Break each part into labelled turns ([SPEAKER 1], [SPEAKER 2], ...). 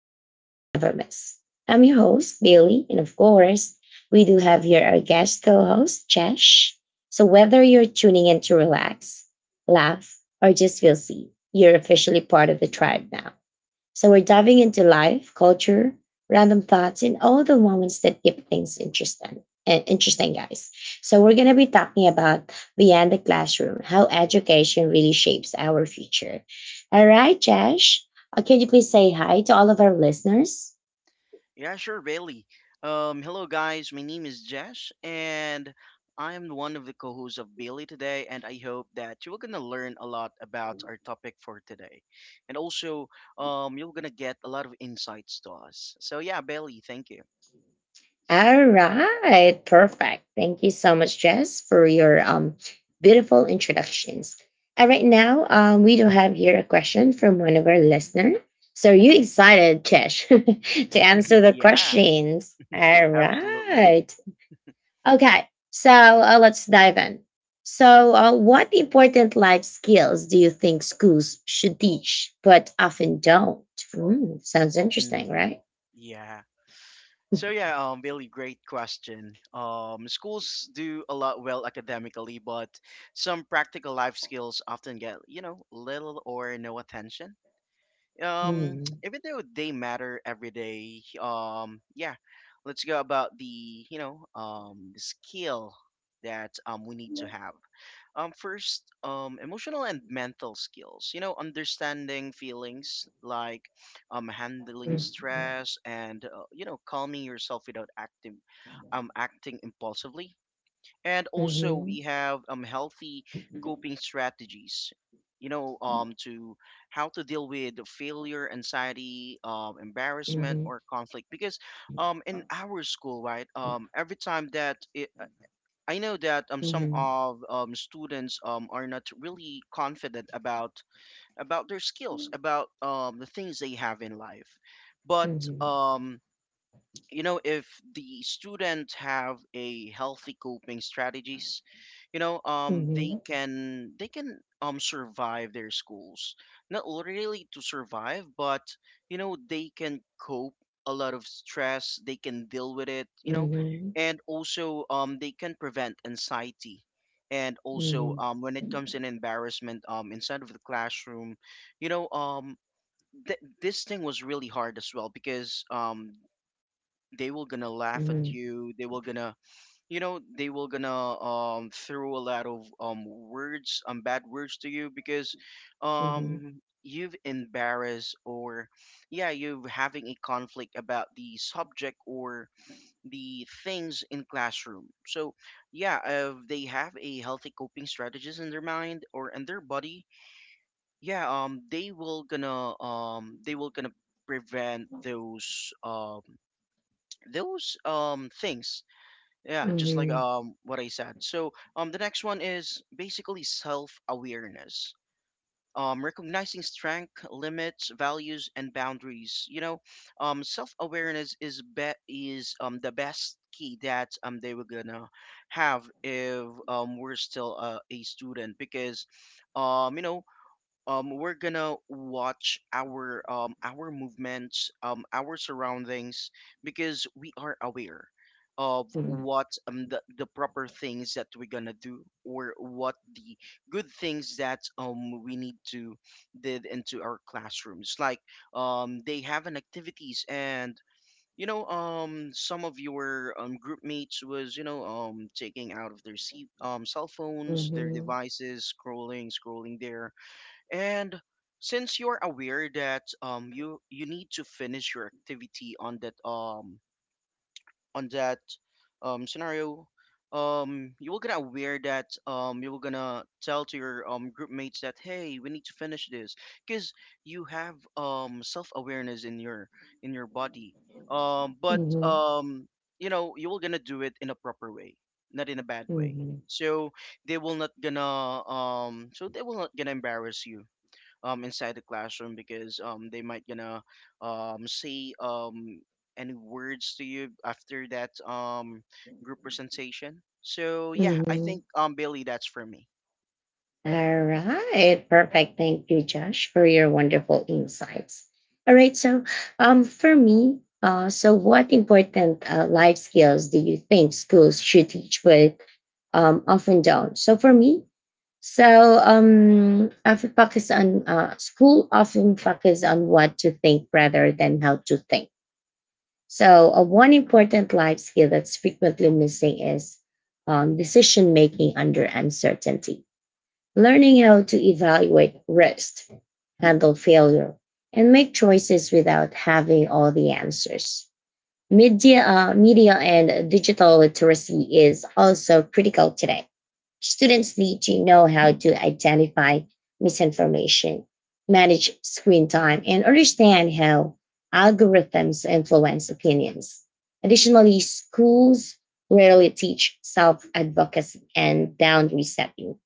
[SPEAKER 1] and the vibes never miss. I'm your host, Bailey, and of course, we do have here our guest co host, Chesh. So, whether you're tuning in to
[SPEAKER 2] Mhm.
[SPEAKER 1] relax, laugh, or just feel seen, you're officially part of the tribe now. So we're diving into life, culture, random thoughts, and all the moments that keep things interesting. And interesting, guys. So we're gonna be talking about beyond the classroom, how education really shapes our future. All right, Josh. Can you please say hi to all of our listeners?
[SPEAKER 2] Yeah, sure, Bailey. Hello, guys. My name is Jesh, and I'm one of the co hosts of Bailey today. And I hope that you're going to learn a lot about our topic for today. And also, you're going to get a lot of insights to us. So, yeah, Bailey, thank you.
[SPEAKER 1] All right, perfect. Thank you so much, Jess, for your beautiful introductions. And right now, we do have here a question from one of our listeners. So, are you excited, Jess, to answer the
[SPEAKER 2] Yeah,
[SPEAKER 1] questions? All
[SPEAKER 2] absolutely.
[SPEAKER 1] right. Okay, so let's dive in. So, what important life skills do you think schools should teach but often don't? Hmm, sounds interesting,
[SPEAKER 2] Hmm.
[SPEAKER 1] right?
[SPEAKER 2] Yeah. So really great question. Schools do a lot well academically, but some practical life skills often get little or no attention.
[SPEAKER 1] Hmm.
[SPEAKER 2] Even though they matter every day. Yeah, let's go about the the skill that we need to have. First, emotional and mental skills. You know, understanding feelings like handling
[SPEAKER 1] Mhm.
[SPEAKER 2] stress and calming yourself without acting impulsively. And also,
[SPEAKER 1] Mhm.
[SPEAKER 2] we have healthy coping strategies. You know, to How to deal with the failure, anxiety,
[SPEAKER 1] Uh
[SPEAKER 2] embarrassment,
[SPEAKER 1] huh.
[SPEAKER 2] or conflict. Because in our school, right,
[SPEAKER 1] Uh
[SPEAKER 2] every time I know that some
[SPEAKER 1] huh.
[SPEAKER 2] of students are not really confident about their skills, about the things they have in life.
[SPEAKER 1] Uh
[SPEAKER 2] But
[SPEAKER 1] huh.
[SPEAKER 2] um, you know if the student have a healthy coping strategies you know
[SPEAKER 1] Uh
[SPEAKER 2] they
[SPEAKER 1] huh.
[SPEAKER 2] can they can survive their schools, not really to survive, but you know they can cope a lot of stress, they can deal with it, you
[SPEAKER 1] Uh huh. Uh
[SPEAKER 2] know.
[SPEAKER 1] huh.
[SPEAKER 2] And also they can prevent anxiety, and
[SPEAKER 1] Uh
[SPEAKER 2] also
[SPEAKER 1] huh.
[SPEAKER 2] when it comes in embarrassment inside of the classroom, you know this thing was really hard as well because they will gonna
[SPEAKER 1] Uh
[SPEAKER 2] laugh at
[SPEAKER 1] huh.
[SPEAKER 2] you, they will gonna you know they will gonna throw a lot of words bad words to you because
[SPEAKER 1] Uh huh.
[SPEAKER 2] you've embarrassed or yeah you've having a conflict about the subject or the things in classroom. So yeah, if they have a healthy coping strategies in their mind or in their body, yeah they will gonna prevent those things. Yeah,
[SPEAKER 1] Uh
[SPEAKER 2] just like
[SPEAKER 1] huh.
[SPEAKER 2] what I said. So the next one is basically self-awareness. Recognizing strength, limits, values, and boundaries. You know, self-awareness is the best key that they were gonna have if we're still a student. Because you know we're gonna watch our movements, our surroundings, because we are aware of
[SPEAKER 1] Uh huh. Uh huh.
[SPEAKER 2] what the proper things that we're gonna do, or what the good things that we need to did into our classrooms. Like they have an activities, and you know some of your group mates was you know taking out of their seat cell
[SPEAKER 1] Uh
[SPEAKER 2] phones, their
[SPEAKER 1] huh.
[SPEAKER 2] devices, scrolling there. And since you're aware that you need to finish your activity on that scenario, you will gonna aware that you will gonna tell to your group mates that hey, we need to finish this, because you have self awareness in your body. Um
[SPEAKER 1] Uh
[SPEAKER 2] but
[SPEAKER 1] huh. Uh huh.
[SPEAKER 2] um you know you will gonna do it in a proper way, not in a bad
[SPEAKER 1] Uh
[SPEAKER 2] way.
[SPEAKER 1] huh.
[SPEAKER 2] So they will not gonna embarrass you inside the classroom because they might gonna say any words to you after that group presentation. So
[SPEAKER 1] Uh
[SPEAKER 2] yeah,
[SPEAKER 1] huh. Uh
[SPEAKER 2] I think
[SPEAKER 1] huh.
[SPEAKER 2] Bailey, that's for me.
[SPEAKER 1] All right. Perfect. Thank you, Josh, for your wonderful insights. All right. So, for me, so what important life skills do you think schools should teach, but often don't? So, for me, so I would focus on school often focus on what to think rather than how to think. So, one important life skill that's frequently missing is decision making under uncertainty. Learning how to evaluate risk, handle failure, and make choices without having all the answers. Media and digital literacy is also critical today. Students need to know how to identify misinformation, manage screen time, and understand how algorithms influence opinions. Additionally, schools rarely teach self advocacy and boundary setting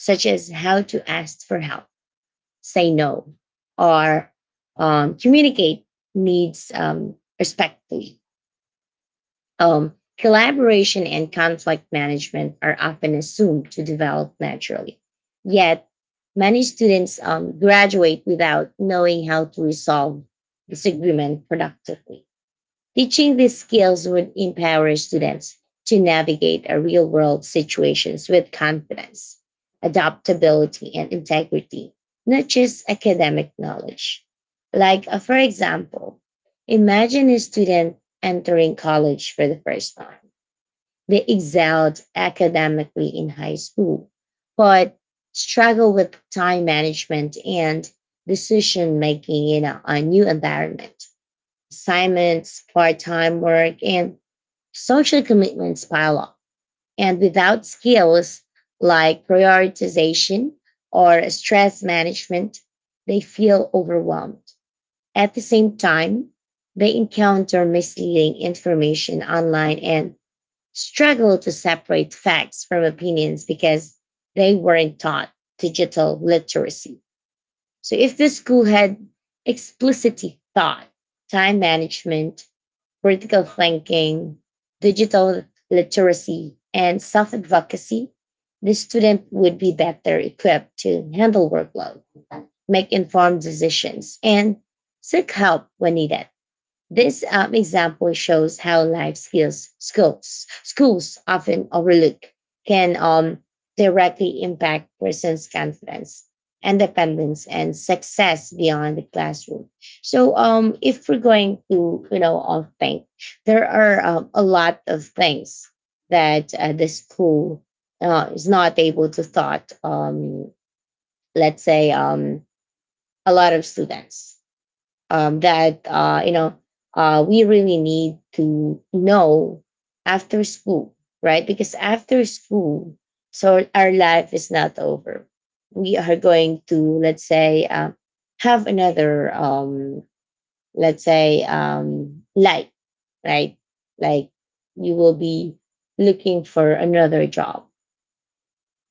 [SPEAKER 1] such as how to ask for help, say no, or communicate needs respectfully. Collaboration and conflict management are often assumed to develop naturally. Yet, many students graduate without knowing how to resolve disagreement productively. Teaching these skills would empower students to navigate a real world situations with confidence, adaptability, and integrity, not just academic knowledge. Like, for example, imagine a student entering college for the first time. They excelled academically in high school, but struggle with time management and decision making in a new environment, assignments, part time work, and social commitments pile up. And without skills like prioritization or stress management, they feel overwhelmed. At the same time, they encounter misleading information online and struggle to separate facts from opinions because they weren't taught digital literacy. So, if the school had explicitly taught time management, critical thinking, digital literacy, and self advocacy, the student would be better equipped to handle workload, make informed decisions, and seek help when needed. This example shows how life skills schools often overlook can directly impact person's confidence, independence, and success beyond the classroom. So, if we're going to think, there are a lot of things that the school is not able to thought. Let's say a lot of students that we really need to know after school, right? Because after school, so our life is not over. We are going to let's say have another let's say life, right? Like you will be looking for another job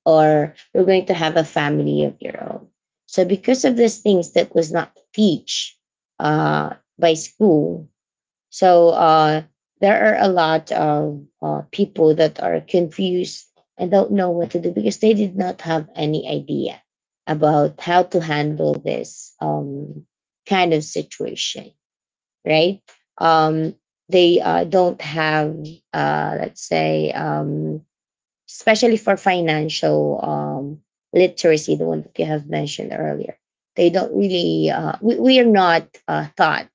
[SPEAKER 1] or you're going to have a family of your own. So because of these things that was not teach by school, so there are a lot of people that are confused and don't know what to do because they did not have any idea about how to handle this kind of situation, right? Um, they don't have, let's say, especially for financial literacy, the one that you have mentioned earlier. They don't really, we are not taught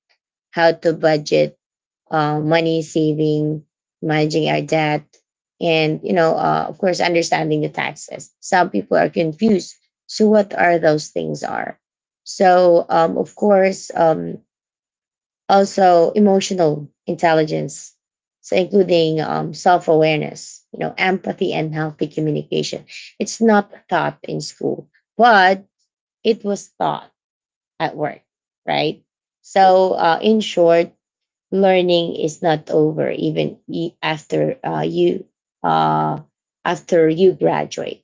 [SPEAKER 1] how to budget, money saving, managing our debt, and, you know, of course, understanding the taxes. Some people are confused. So, what are those things are? So, of course, also emotional intelligence, so including
[SPEAKER 2] Hmm.
[SPEAKER 1] self-awareness, you know, empathy and healthy communication. It's not taught in school, but it was taught at work, right? So in short, learning is not over even after you uh, after you graduate.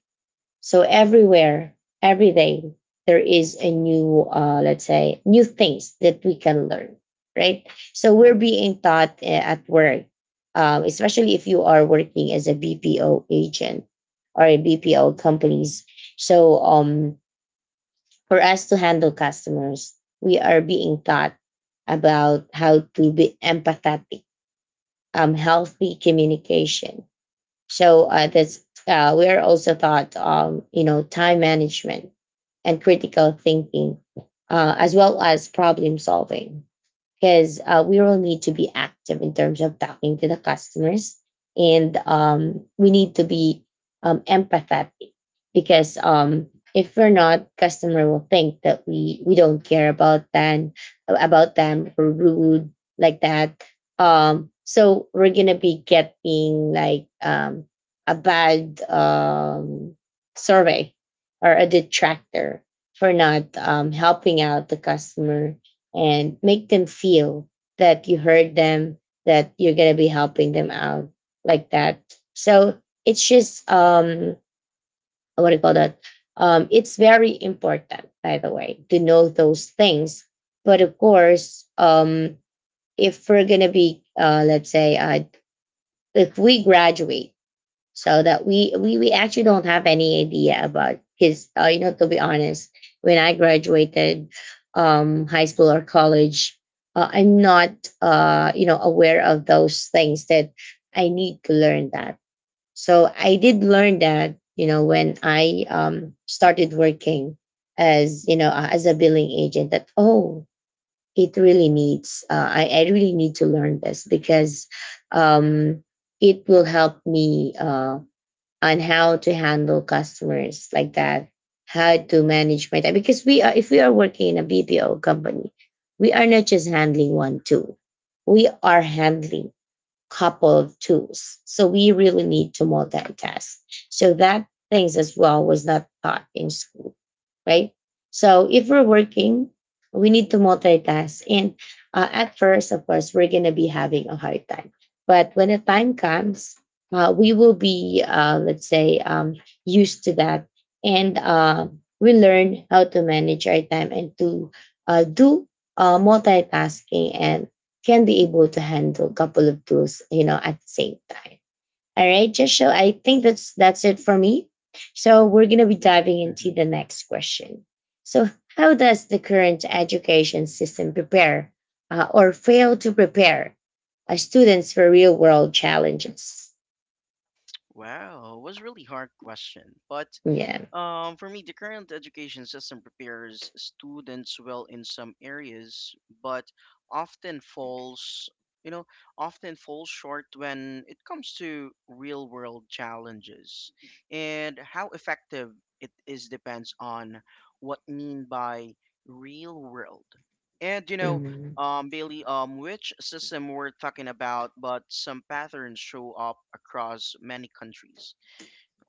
[SPEAKER 1] So everywhere, every day, there is a new, let's say, new things that we can learn, right? So we're being taught at work, especially if you are working as a BPO agent or a BPO companies. So for us to handle customers, we are being taught about how to be empathetic, healthy communication, so that's we are also taught, you know, time management and critical thinking, as well as problem solving because we will need to be active in terms of talking to the customers and we need to be empathetic because if we're not, customer will think that we don't care about them or rude like that. So we're gonna be getting like a bad survey or a detractor for not helping out the customer and make them feel that you heard them, that you're going to be helping them out like that. So it's just, what do you call that? It's very important, by the way, to know those things. But of course, if we're going to be, let's say, if we graduate, so that we actually don't have any idea about. Because you know, to be honest, when I graduated high school or college, I'm not you know aware of those things that I need to learn that. So I did learn that, you know, when I started working as you know as a billing agent that, oh, it really needs I really need to learn this because um, it will help me on how to handle customers like that, how to manage my time. Because we are, if we are working in a BPO company, we are not just handling one tool, we are handling couple of tools. So we really need to multitask. So that things as well was not taught in school, right? So if we're working, we need to multitask. And at first, of course, we're going to be having a hard time. But when the time comes, we will be, let's say, used to that. And we learn how to manage our time and to do multitasking and can be able to handle a couple of tools, you know, at the same time. All right, Joshua, I think that's it for me. So we're gonna be diving
[SPEAKER 2] Hmm.
[SPEAKER 1] into the next question. So, how does the current education system prepare or fail to prepare students for real world challenges?
[SPEAKER 2] Wow, was really hard question, but
[SPEAKER 1] Yeah.
[SPEAKER 2] For me, the current education system prepares students well in some areas, but often falls, you know, often falls short when it comes to real world challenges. And how effective it is depends on what mean by real world. And you know,
[SPEAKER 1] Mhm,
[SPEAKER 2] Bailey, which system we're talking about, but some patterns show up across many countries.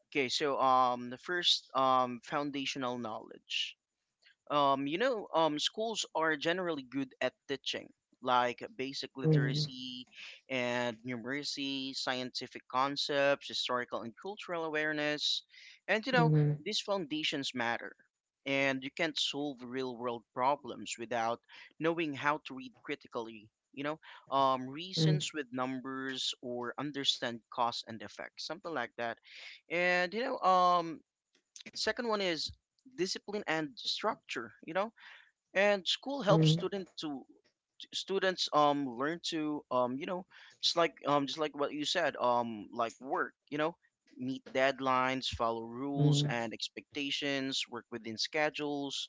[SPEAKER 2] Okay, so the first foundational knowledge. Schools are generally good at teaching like basic
[SPEAKER 1] mhm,
[SPEAKER 2] literacy and numeracy, scientific concepts, historical and cultural awareness. And, you
[SPEAKER 1] mhm,
[SPEAKER 2] know,
[SPEAKER 1] mhm,
[SPEAKER 2] these foundations matter. And you can't solve real world problems without knowing how to read critically, you know, reasons with numbers or understand cause and effect, something like that. And, you know, second one is discipline and structure, you know, and school
[SPEAKER 1] mhm,
[SPEAKER 2] helps
[SPEAKER 1] mhm,
[SPEAKER 2] students learn to you know, just like what you said, like work, you know, meet deadlines, follow rules
[SPEAKER 1] mhm,
[SPEAKER 2] and expectations, work within schedules.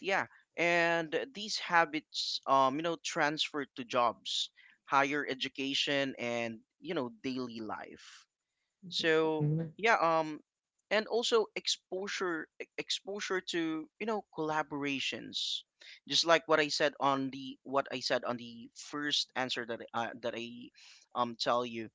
[SPEAKER 2] Yeah, and these habits you know transfer to jobs, higher education, and you know daily life. So yeah, and also exposure to you know collaborations, just like what I said on the first answer that I tell you,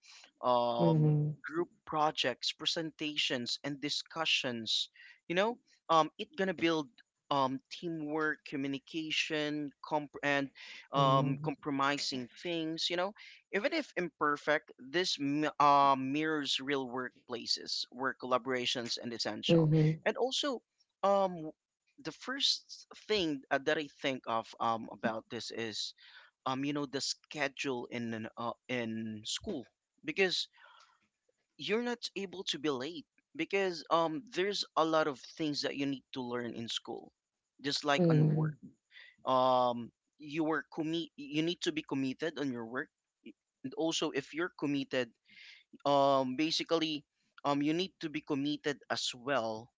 [SPEAKER 1] mhm, mhm, mhm,
[SPEAKER 2] um,
[SPEAKER 1] mhm,
[SPEAKER 2] group projects, presentations, and discussions. You know, it gonna build teamwork, communication, comp- and compromising things. You know, even if imperfect, this mirrors real workplaces where collaborations and essential.
[SPEAKER 1] mhm,
[SPEAKER 2] And also, um, the first thing that I think of about this is you know the schedule in in school, because you're not able to be late, because there's a lot of things that you need to learn in school, just like on work. Um, you need to be committed on your work. And also if you're committed, basically you need to be committed as well,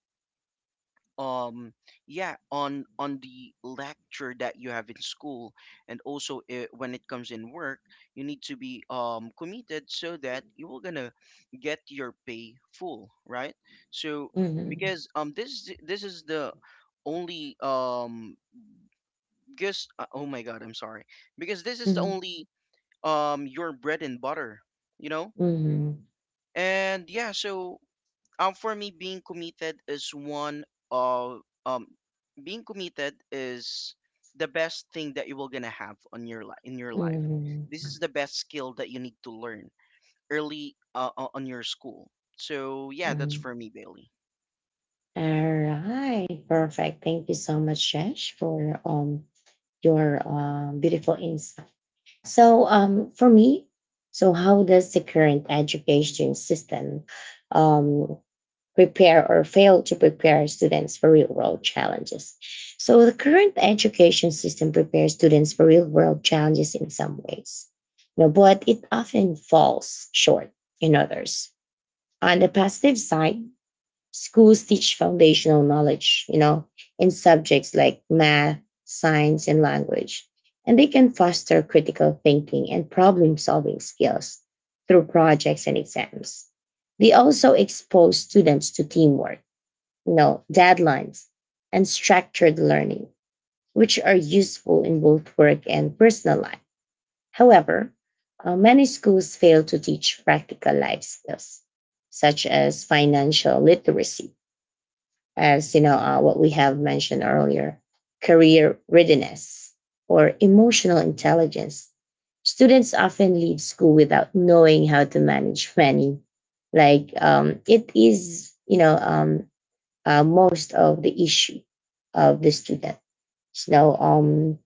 [SPEAKER 2] um yeah, on the lecture that you have in school. And also when it comes in work, you need to be committed so that you will gonna get your pay full, right? So because this is the only because oh my god, I'm sorry. Because this is the
[SPEAKER 1] mhm,
[SPEAKER 2] only your bread and butter, you know.
[SPEAKER 1] mhm, mhm,
[SPEAKER 2] And yeah, so for me, of um being committed is the best thing that you will gonna have on your life in your life.
[SPEAKER 1] mhm,
[SPEAKER 2] This is the best skill that you need to learn early, on your school. So yeah, that's
[SPEAKER 1] mhm.
[SPEAKER 2] for me, Bailey.
[SPEAKER 1] All right, perfect. Thank you so much, Shesh, for your beautiful insight. So for me, so how does the current education system um prepare or fail to prepare students for real world challenges? So the current education system prepares students for real world challenges in some ways, you know, but it often falls short in others. On the positive side, schools teach foundational knowledge, you know, in subjects like math, science, and language. And they can foster critical thinking and problem solving skills through projects and exams. They also expose students to teamwork, you know, deadlines, and structured learning, which are useful in both work and personal life. However, many schools fail to teach practical life skills, such as financial literacy as you know what we have mentioned earlier, career readiness or emotional intelligence. Students often leave school without knowing how to manage money, like it is you know most of the issue of the student. So um,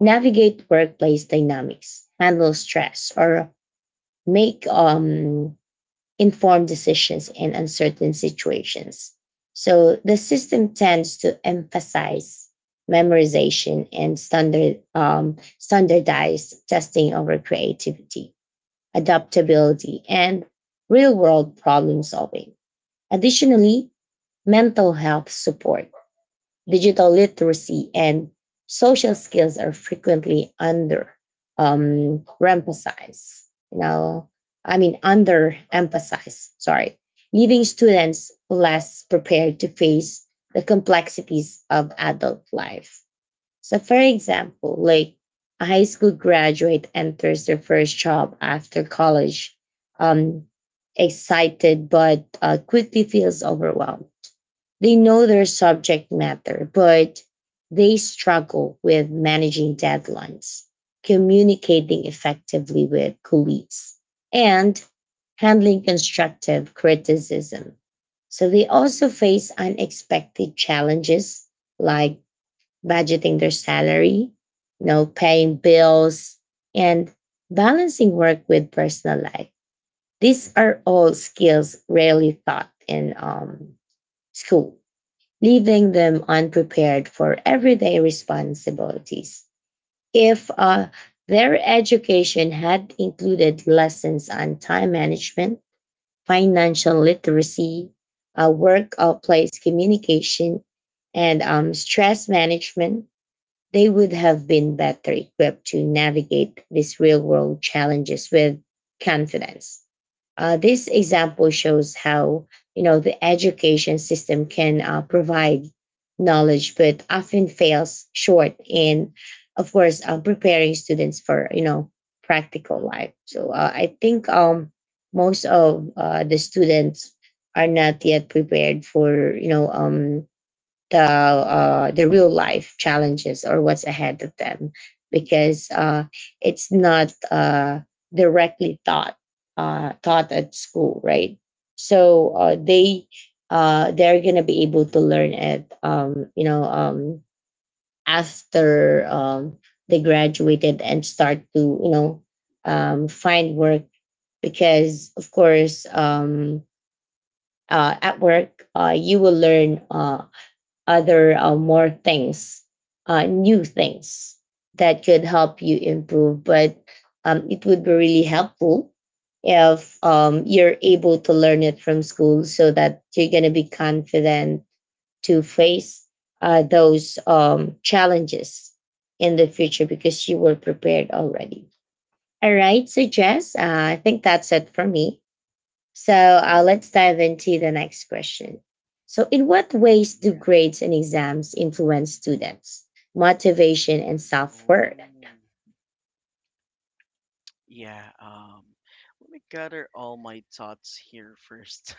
[SPEAKER 1] navigate workplace dynamics, handle stress, or make informed decisions in uncertain situations. So the system tends to emphasize memorization and standardized testing over creativity, adaptability, and real world problem solving. Additionally, mental health support, digital literacy and social skills are frequently under emphasized. You know, I mean, under emphasized, sorry, leaving students less prepared to face the complexities of adult life. So, for example, like a high school graduate enters their first job after college, um, excited but quickly feels overwhelmed. They know their subject matter, but they struggle with managing deadlines, communicating effectively with colleagues, and handling constructive criticism. So they also face unexpected challenges like budgeting their salary, paying bills, and balancing work with personal life. These are all skills rarely taught in school, leaving them unprepared for everyday responsibilities. If their education had included lessons on time management, financial literacy, workplace communication, and stress management, they would have been better equipped to navigate these real world challenges with confidence. This example shows how the education system can provide knowledge but often fails short in of course preparing students for practical life. So I think most of the students are not yet prepared for the real life challenges or what's ahead of them because it's not directly taught taught at school, right? So they're gonna be able to learn it, after they graduated and start to find work because of course at work you will learn other more things, new things that could help you improve. But it would be really helpful if you're able to learn it from school so that you're going to be confident to face those challenges in the future because you were prepared already. All right. So, Jess, I think that's it for me. So
[SPEAKER 2] Mm-hmm.
[SPEAKER 1] let's dive into the next question. So, in what ways do
[SPEAKER 2] Yeah.
[SPEAKER 1] grades and exams influence students' motivation and self worth?
[SPEAKER 2] Oh. Yeah, let me gather all my thoughts here first.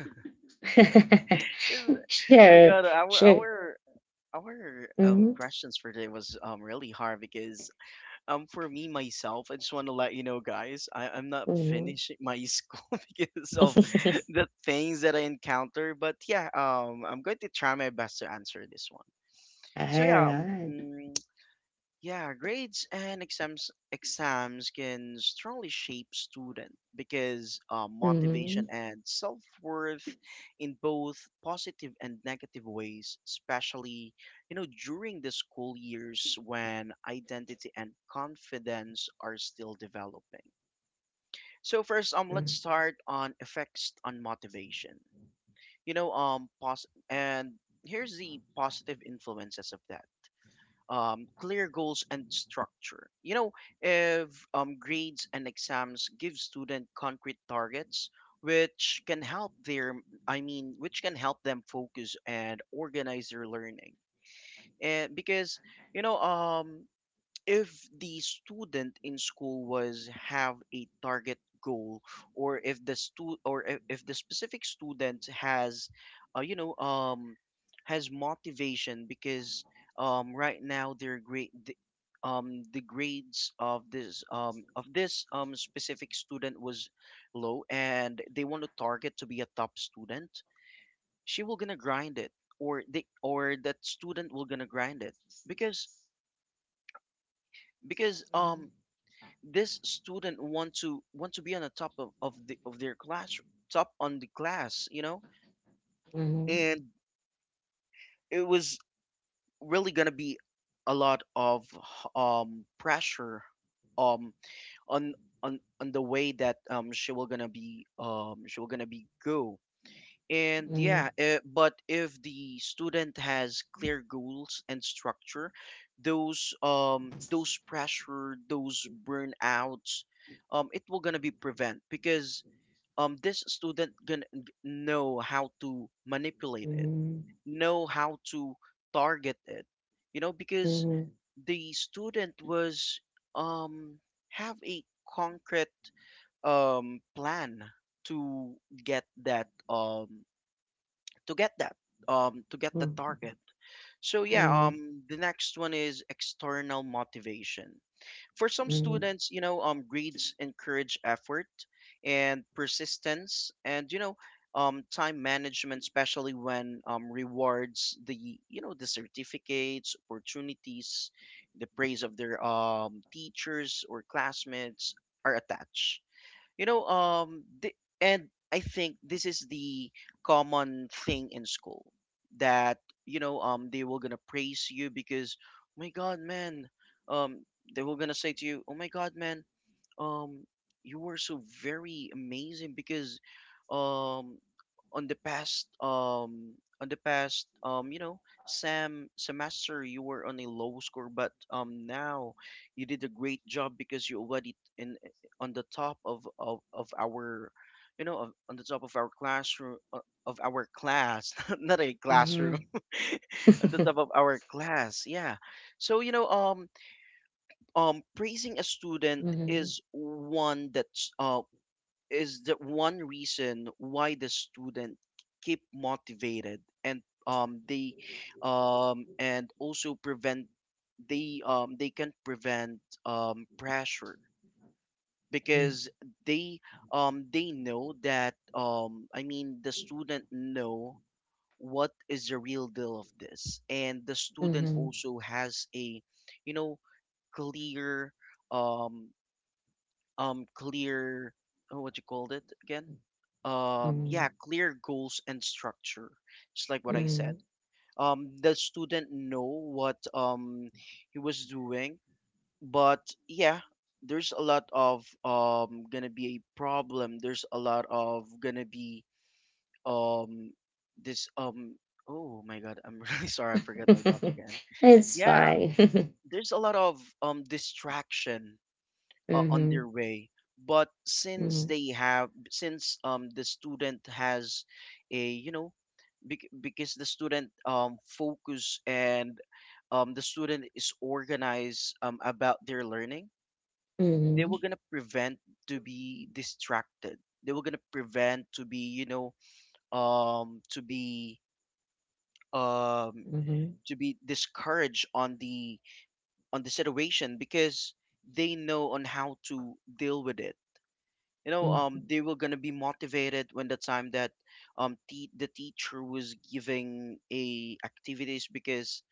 [SPEAKER 2] Is- my
[SPEAKER 1] Sure,
[SPEAKER 2] god, our
[SPEAKER 1] sure.
[SPEAKER 2] our our um
[SPEAKER 1] Mhm,
[SPEAKER 2] questions for today was really hard because for me myself, I just want to let you know, guys, I'm not
[SPEAKER 1] mhm.
[SPEAKER 2] finishing my school because of the things that I encounter. But yeah, I'm going to try my best to answer this one.
[SPEAKER 1] All
[SPEAKER 2] So yeah,
[SPEAKER 1] right.
[SPEAKER 2] yeah, grades and exams can strongly shape student because motivation
[SPEAKER 1] Mhm,
[SPEAKER 2] and self-worth in both positive and negative ways, especially you know during the school years when identity and confidence are still developing. So first, let's
[SPEAKER 1] mhm,
[SPEAKER 2] start on effects on motivation. You know, pos- and here's the positive influences of that: clear goals and structure. You know, if grades and exams give student concrete targets, which can help I mean, which can help them focus and organize their learning. And because you know, if the student in school was have a target goal, or if the stu- or if the specific student has uh, you know um has motivation, because right now the grades of this specific student was low, and they want to target to be a top student, she will gonna grind it, or they, or that student will gonna grind it, because because um
[SPEAKER 1] mhm,
[SPEAKER 2] this student want to be on the top of the of their class, top on the class, you know.
[SPEAKER 1] mhm,
[SPEAKER 2] And it was really gonna be a lot of pressure um on on the way that she will gonna be go. And
[SPEAKER 1] mhm,
[SPEAKER 2] yeah, but if the student has clear goals and structure, those pressure, those burnouts, it will gonna be prevent, because this student gonna know how to manipulate it,
[SPEAKER 1] mhm,
[SPEAKER 2] know how to target it, you know,
[SPEAKER 1] mhm, mhm,
[SPEAKER 2] because
[SPEAKER 1] mhm, mhm,
[SPEAKER 2] the student was um have a concrete plan to get that to get that to get the target. So yeah, the next one is external motivation. For some students, you know, grades encourage effort and persistence and, you know, time management, especially when rewards, the, you know, the certificates, opportunities, the praise of their teachers or classmates, are attached. You know and I think this is the common thing in school that you know they were gonna praise you because oh my god, man, um they were gonna say to you, oh my god, man, um you were so very amazing because um on the past um on the past you know sam semester you were on a low score, but now you did a great job because you already in on the top of our, on the top of our classroom, of our class not a classroom on the top of our class, yeah. So, praising a student
[SPEAKER 1] mhm,
[SPEAKER 2] is one that's is the one reason why the student keep motivated, and they and also prevent, they can prevent pressure, because they they know that, I mean, the student know what is the real deal of this, and the student
[SPEAKER 1] mhm,
[SPEAKER 2] also has a, you know clear, um clear... oh, what you called it again
[SPEAKER 1] mhm, mhm.
[SPEAKER 2] yeah, clear goals and structure. Just like what I said,
[SPEAKER 1] Mhm.
[SPEAKER 2] the student know what, he was doing, but yeah, there's a lot of gonna be a problem, there's a lot of gonna be, um this um oh my god, I'm really sorry, I forgot my thoughts again.
[SPEAKER 1] It's
[SPEAKER 2] Yeah,
[SPEAKER 1] fine.
[SPEAKER 2] there's a lot of distraction on
[SPEAKER 1] Mhm,
[SPEAKER 2] their way. But since
[SPEAKER 1] mhm,
[SPEAKER 2] they have, since the student has a, because the student focus, and the student is organized about their learning. They
[SPEAKER 1] mhm,
[SPEAKER 2] were gonna prevent to be distracted, they were gonna prevent to be, to be, um
[SPEAKER 1] mhm,
[SPEAKER 2] to be discouraged on the situation, because they know on how to deal with it. you know um
[SPEAKER 1] mhm,
[SPEAKER 2] they were gonna be motivated when the time that, the teacher was giving a activities, because,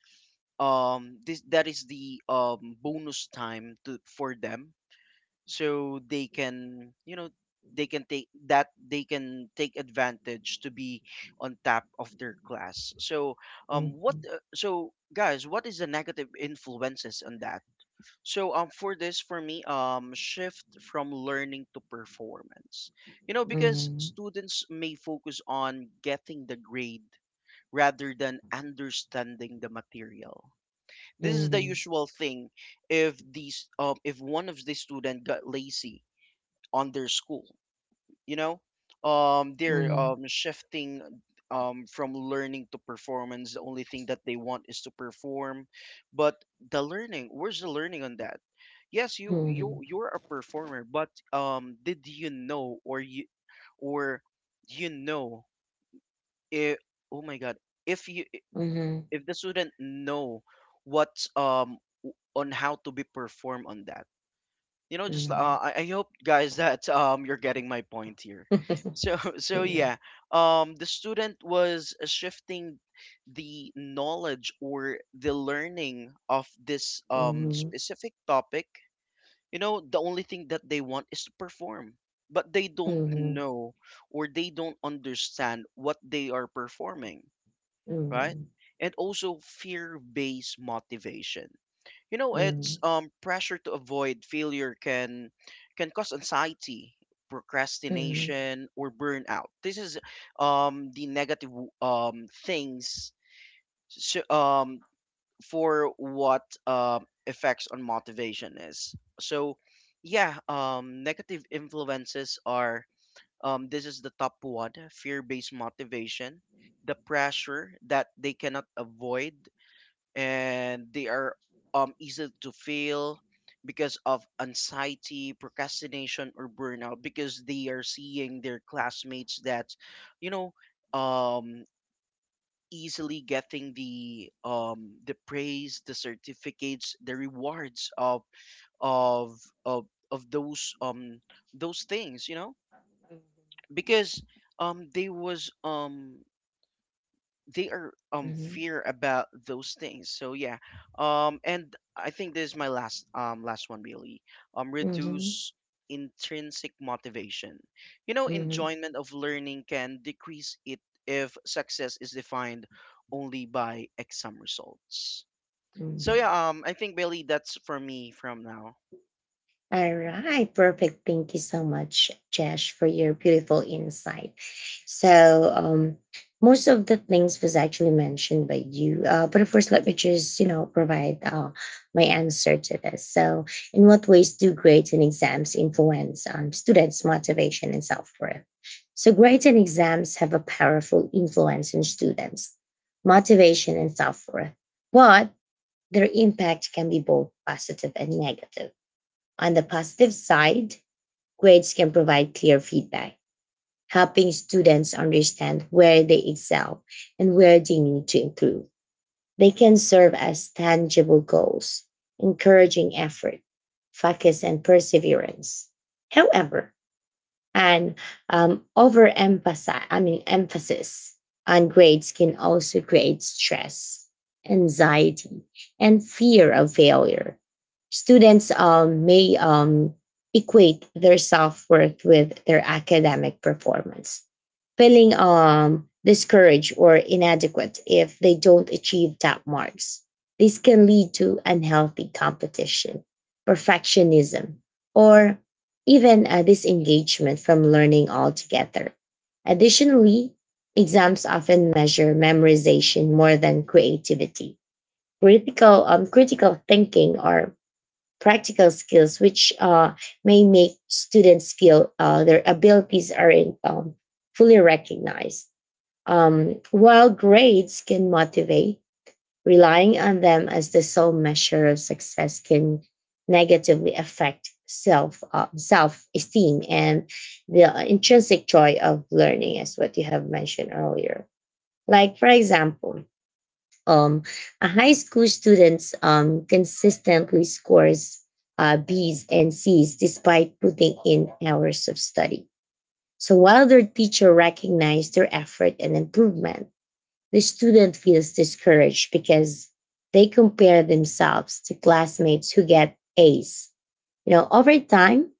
[SPEAKER 2] this that is the bonus time to for them, so they can, they can take that, they can take advantage to be on top of their class. So,
[SPEAKER 1] mhm,
[SPEAKER 2] what
[SPEAKER 1] mhm,
[SPEAKER 2] so guys, what is the negative influences on that? So, for this for me, shift from learning to performance. You know, because
[SPEAKER 1] mhm,
[SPEAKER 2] students may focus on getting the grade rather than understanding the material. This is the usual thing. If these if one of the student got lazy on their school, you know they're,
[SPEAKER 1] mhm,
[SPEAKER 2] shifting, from learning to performance. The only thing that they want is to perform, but the learning, where's the learning on that? Yes, you're a performer, but did you know? Or you, or, you know if... oh my god, if you,
[SPEAKER 1] mhm, mhm,
[SPEAKER 2] if the student know what's, on how to be performed on that. You know, just
[SPEAKER 1] mhm.
[SPEAKER 2] I hope guys that, you're getting my point here. So so
[SPEAKER 1] Yeah.
[SPEAKER 2] yeah, the student was, shifting the knowledge or the learning of this
[SPEAKER 1] Mhm,
[SPEAKER 2] specific topic. You know, the only thing that they want is to perform, but they
[SPEAKER 1] mhm,
[SPEAKER 2] don't
[SPEAKER 1] mhm, mhm,
[SPEAKER 2] know, or they don't understand what they are performing, right? And also fear based motivation. You know,
[SPEAKER 1] mhm,
[SPEAKER 2] it's pressure to avoid failure can, cause anxiety, procrastination, or burnout. This is the negative things. So, for what effects on motivation is. So yeah, negative influences are, this is the top one, fear-based motivation, the pressure that they cannot avoid, and they are easy to fail because of anxiety, procrastination, or burnout, because they are seeing their classmates that, you know, um easily getting the, the praise, the certificates, the rewards of of of those, those things, you know? Because, um they was um they are, fear about those things, so yeah, and I think this is my last, last one really.
[SPEAKER 1] mhm, mhm,
[SPEAKER 2] Reduce intrinsic motivation. You know,
[SPEAKER 1] mhm,
[SPEAKER 2] enjoyment of learning can decrease it if success is defined only by exam results.
[SPEAKER 1] mhm,
[SPEAKER 2] So
[SPEAKER 1] mhm.
[SPEAKER 2] yeah, I think, Bailey, that's for me from now.
[SPEAKER 1] All right, perfect. Thank you so much, Josh, for your beautiful insight. So, most of the things was actually mentioned by you, but of course, let me just provide my answer to this. So, in what ways do grades and exams influence students' motivation and self worth? So, grades and exams have a powerful influence on students' motivation and self worth, but their impact can be both positive and negative. On the positive side, grades can provide clear feedback, helping students understand where they excel and where they need to improve. They can serve as tangible goals, encouraging effort, focus, and perseverance. However, and overemphasize I mean emphasis on grades can also create stress, anxiety, and fear of failure. Students may equate their self-worth with their academic performance, feeling discouraged or inadequate if they don't achieve top marks. This can lead to unhealthy competition, perfectionism, or even a disengagement from learning altogether. Additionally, exams often measure memorization more than creativity. Critical thinking or practical skills, which may make students feel their abilities are in, fully recognized. While grades can motivate, relying on them as the sole measure of success can negatively affect self esteem and the intrinsic joy of learning, as what you have mentioned earlier. Like for example, um, a high school students consistently scores B's and C's despite putting in hours of study. So while their teacher recognized their effort and improvement, the student feels discouraged because they compare themselves to classmates who get A's. You know, over time,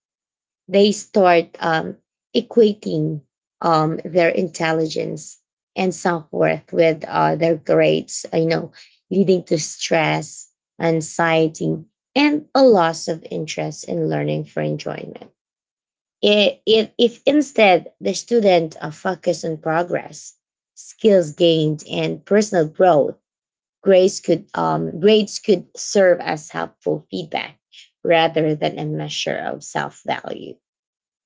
[SPEAKER 1] they start equating their intelligence and self-worth with their grades, leading to stress, anxiety, and a loss of interest in learning for enjoyment. If instead the student focus on progress, skills gained and personal growth, grades could serve as helpful feedback rather than a measure of self-value.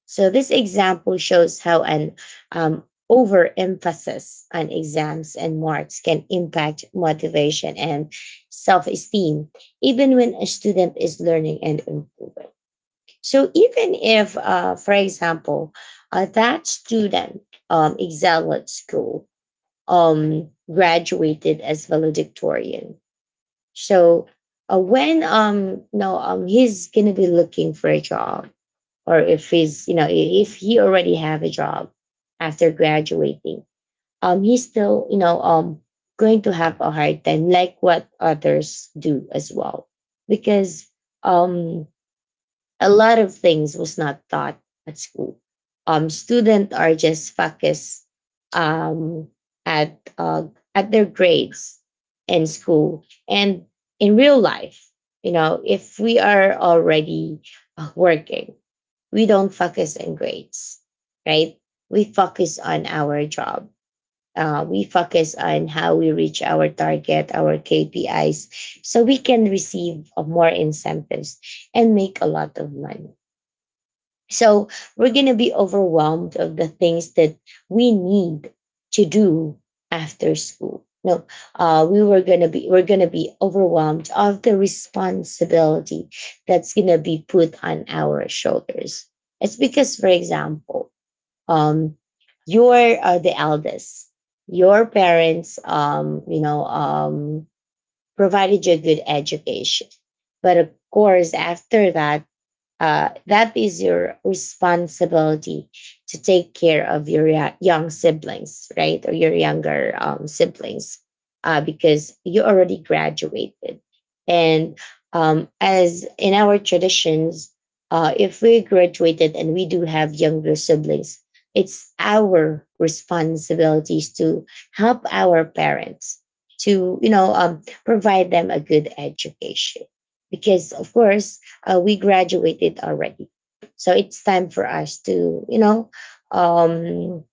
[SPEAKER 1] So this example shows how an um, overemphasis on exams and marks can impact motivation and self-esteem, even when a student is learning and improving. So even if, for example, that student excelled at school, graduated as valedictorian. So when no, he's gonna be looking for a job, or if he's if he already have a job after graduating, he's still going to have a hard time like what others do as well, because um a lot of things was not taught at school. Um, students are just focused um at uh at their grades in school and in real life. You know, if we are already working, we don't focus on grades, right? We focus on our job. We focus on how we reach our target, our KPIs, so we can receive more incentives and make a lot of money. So we're going to be
[SPEAKER 2] Hmm.
[SPEAKER 1] overwhelmed of the things that we need to do after school. No, we're going to be overwhelmed of the responsibility that's going to be put on our shoulders. It's because, for example, um, you're the eldest. Your parents, provided you a good education, but of course, after that, that is your responsibility to take care of your young siblings, right? Or your younger siblings, because you already graduated. And as in our traditions, if we graduated and we do have younger siblings, it's our responsibilities to help our parents to, you know, provide them a good education. Because, of course, we graduated already, so it's time for us to um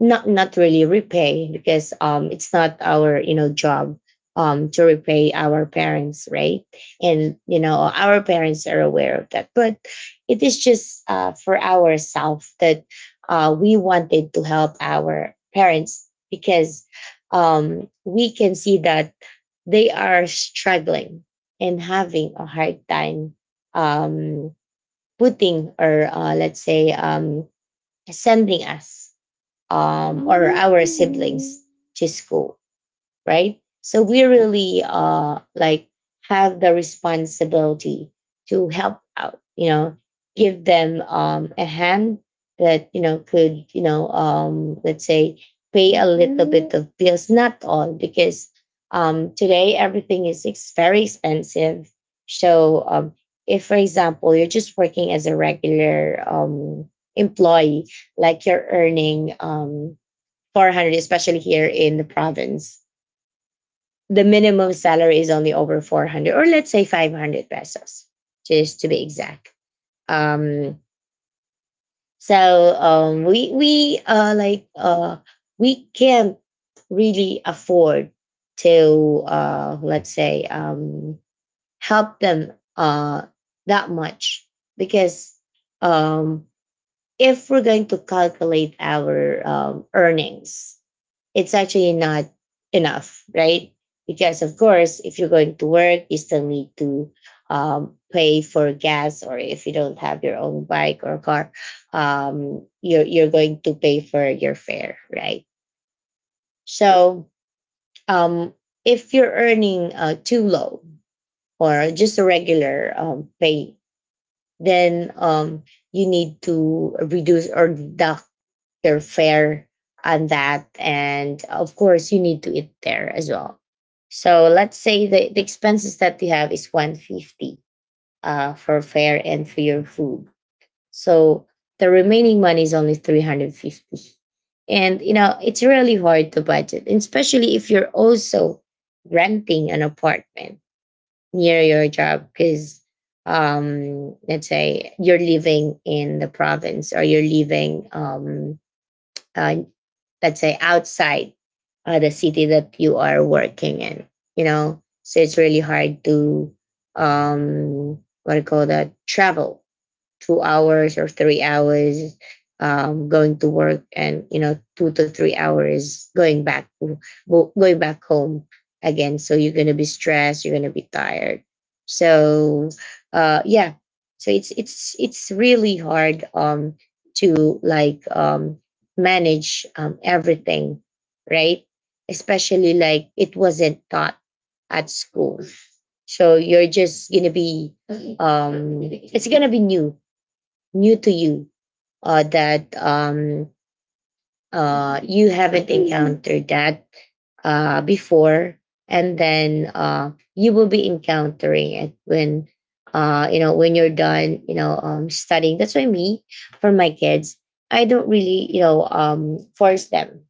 [SPEAKER 1] not really repay, because it's not our job to repay our parents, right? And you know, our parents are aware of that, but it is just for ourselves that we wanted to help our parents because we can see that they are struggling and having a hard time, um, putting or let's say sending us or our siblings to school, right? So we really like have the responsibility to help out, you know, give them a hand that could let's say pay a little bit of bills, not all, because today everything is very expensive. So if for example you're just working as a regular employee, like you're earning 400, especially here in the province the minimum salary is only over 400, or let's say 500 pesos just to be exact. um so um we we uh like uh we can't really afford to let's say help them that much, because um if we're going to calculate our earnings, it's actually not enough, right? Because of course, if you're going to work, you still need to pay for gas, or if you don't have your own bike or car, you're going to pay for your fare, right? So um, if you're earning too low or just a regular pay, then you need to reduce or deduct they're fair on that. And of course, you need to eat there as well. So let's say the expenses that you have is 150, for fare and for your food. So the remaining money is only 350. And you know, it's really hard to budget, and especially if you're also renting an apartment near your job, because let's say you're living in the province or you're living uh, let's say outside the city that you are working in, you know. So it's really hard to um what do you call that, travel 2 hours or 3 hours going to work, and you know, 2 to 3 hours going back, going back home again. So you're going to be stressed, you're going to be tired. So yeah. So it's it's really hard to like manage everything, right? Especially like it wasn't taught at school, so you're just gonna be um it's gonna be new, new to you, that you haven't encountered that before. And then you will be encountering it when you know, when you're done, you know studying. That's why me, for my kids, I don't really force them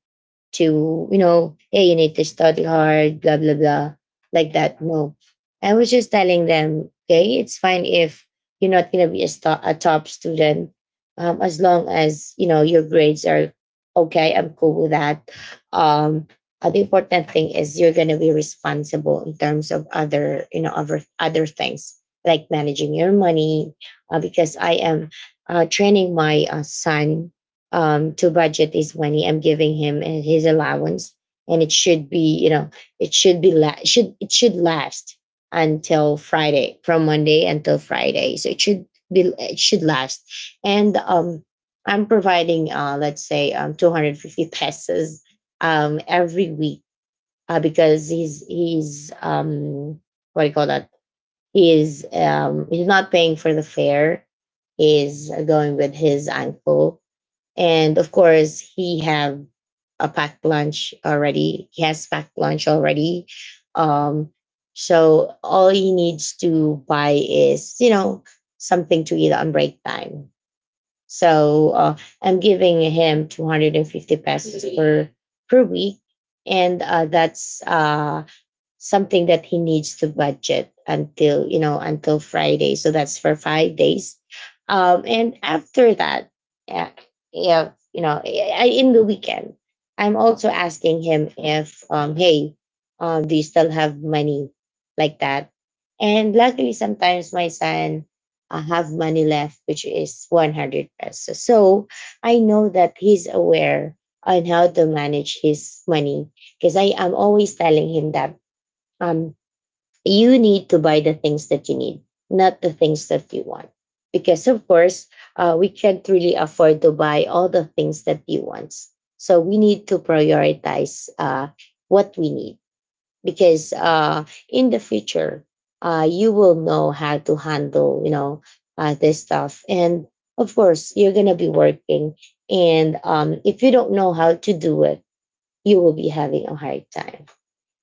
[SPEAKER 1] to, you know, hey, you need to study hard, blah, blah, blah, like that. No. I was just telling them, okay, it's fine if you're not going to be a, a top student, as long as, you know, your grades are okay. I'm cool with that. Um, the important thing is you're going to be responsible in terms of other, other, other things like managing your money, because I am training my son to budget is when I'm giving him and his allowance, and it should be, it should be la- should it should last until Friday, from Monday until Friday, so it should be it should last, and I'm providing let's say 250 pesos every week, because he's what do you call that? He's not paying for the fare. He's going with his uncle, and of course he have a packed lunch already um so all he needs to buy is, you know, something to eat on break time. so uh, I'm giving him 250 pesos per per week, and that's something that he needs to budget until, you know, until Friday, so that's for 5 days. And After that, yeah, yeah, in the weekend, I'm also asking him if, hey, do you still have money, like that. And luckily, sometimes my son have money left, which is 100 pesos. So I know that he's aware on how to manage his money, because I am always telling him that um, you need to buy the things that you need, not the things that you want. Because, of course, we can't really afford to buy all the things that you want. So, we need to prioritize what we need, because in the future, you will know how to handle, you know, this stuff. And of course, you're going to be working. And if you don't know how to do it, you will be having a hard time.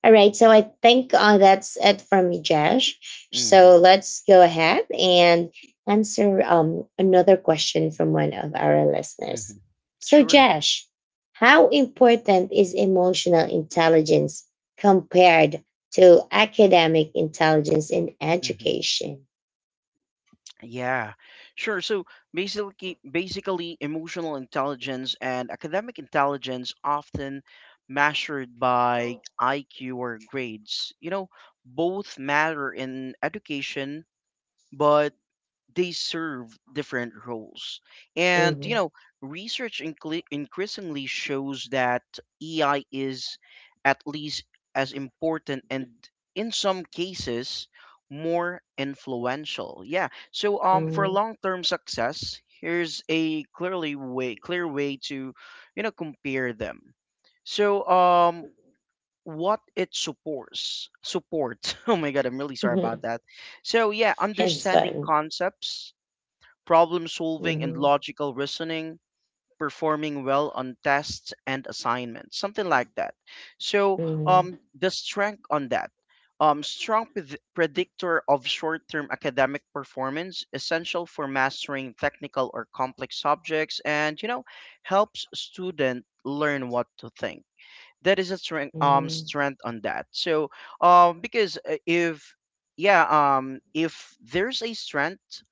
[SPEAKER 1] All right, so I think that's it from me, Josh.
[SPEAKER 2] Hmm.
[SPEAKER 1] So let's go ahead and answer another question from one of our
[SPEAKER 2] Hmm.
[SPEAKER 1] listeners. So,
[SPEAKER 2] Sure.
[SPEAKER 1] Josh, how important is emotional intelligence compared to academic intelligence in
[SPEAKER 2] Hmm.
[SPEAKER 1] education?
[SPEAKER 2] Yeah, sure. So basically, emotional intelligence and academic intelligence often measured by IQ or grades. You know, both matter in education, but they serve different roles. And, you
[SPEAKER 1] Mhm,
[SPEAKER 2] know, research increasingly shows that AI is at least as important, and in some cases more influential. Yeah. So, for
[SPEAKER 1] mhm,
[SPEAKER 2] long-term success, here's a clear way to, you know, compare them. So, what it supports support. Oh my god, I'm really sorry
[SPEAKER 1] mhm.
[SPEAKER 2] about that. So yeah,
[SPEAKER 1] It's
[SPEAKER 2] understanding
[SPEAKER 1] fun.
[SPEAKER 2] concepts, problem solving and
[SPEAKER 1] Mhm,
[SPEAKER 2] logical reasoning, performing well on tests and assignments, something like that. So,
[SPEAKER 1] mhm,
[SPEAKER 2] the strength on that. Strong predictor of short-term academic performance, essential for mastering technical or complex subjects, and you know, helps student learn what to think. That is a strength,
[SPEAKER 1] mhm,
[SPEAKER 2] strength on that. So, because if... yeah, if there's a strength,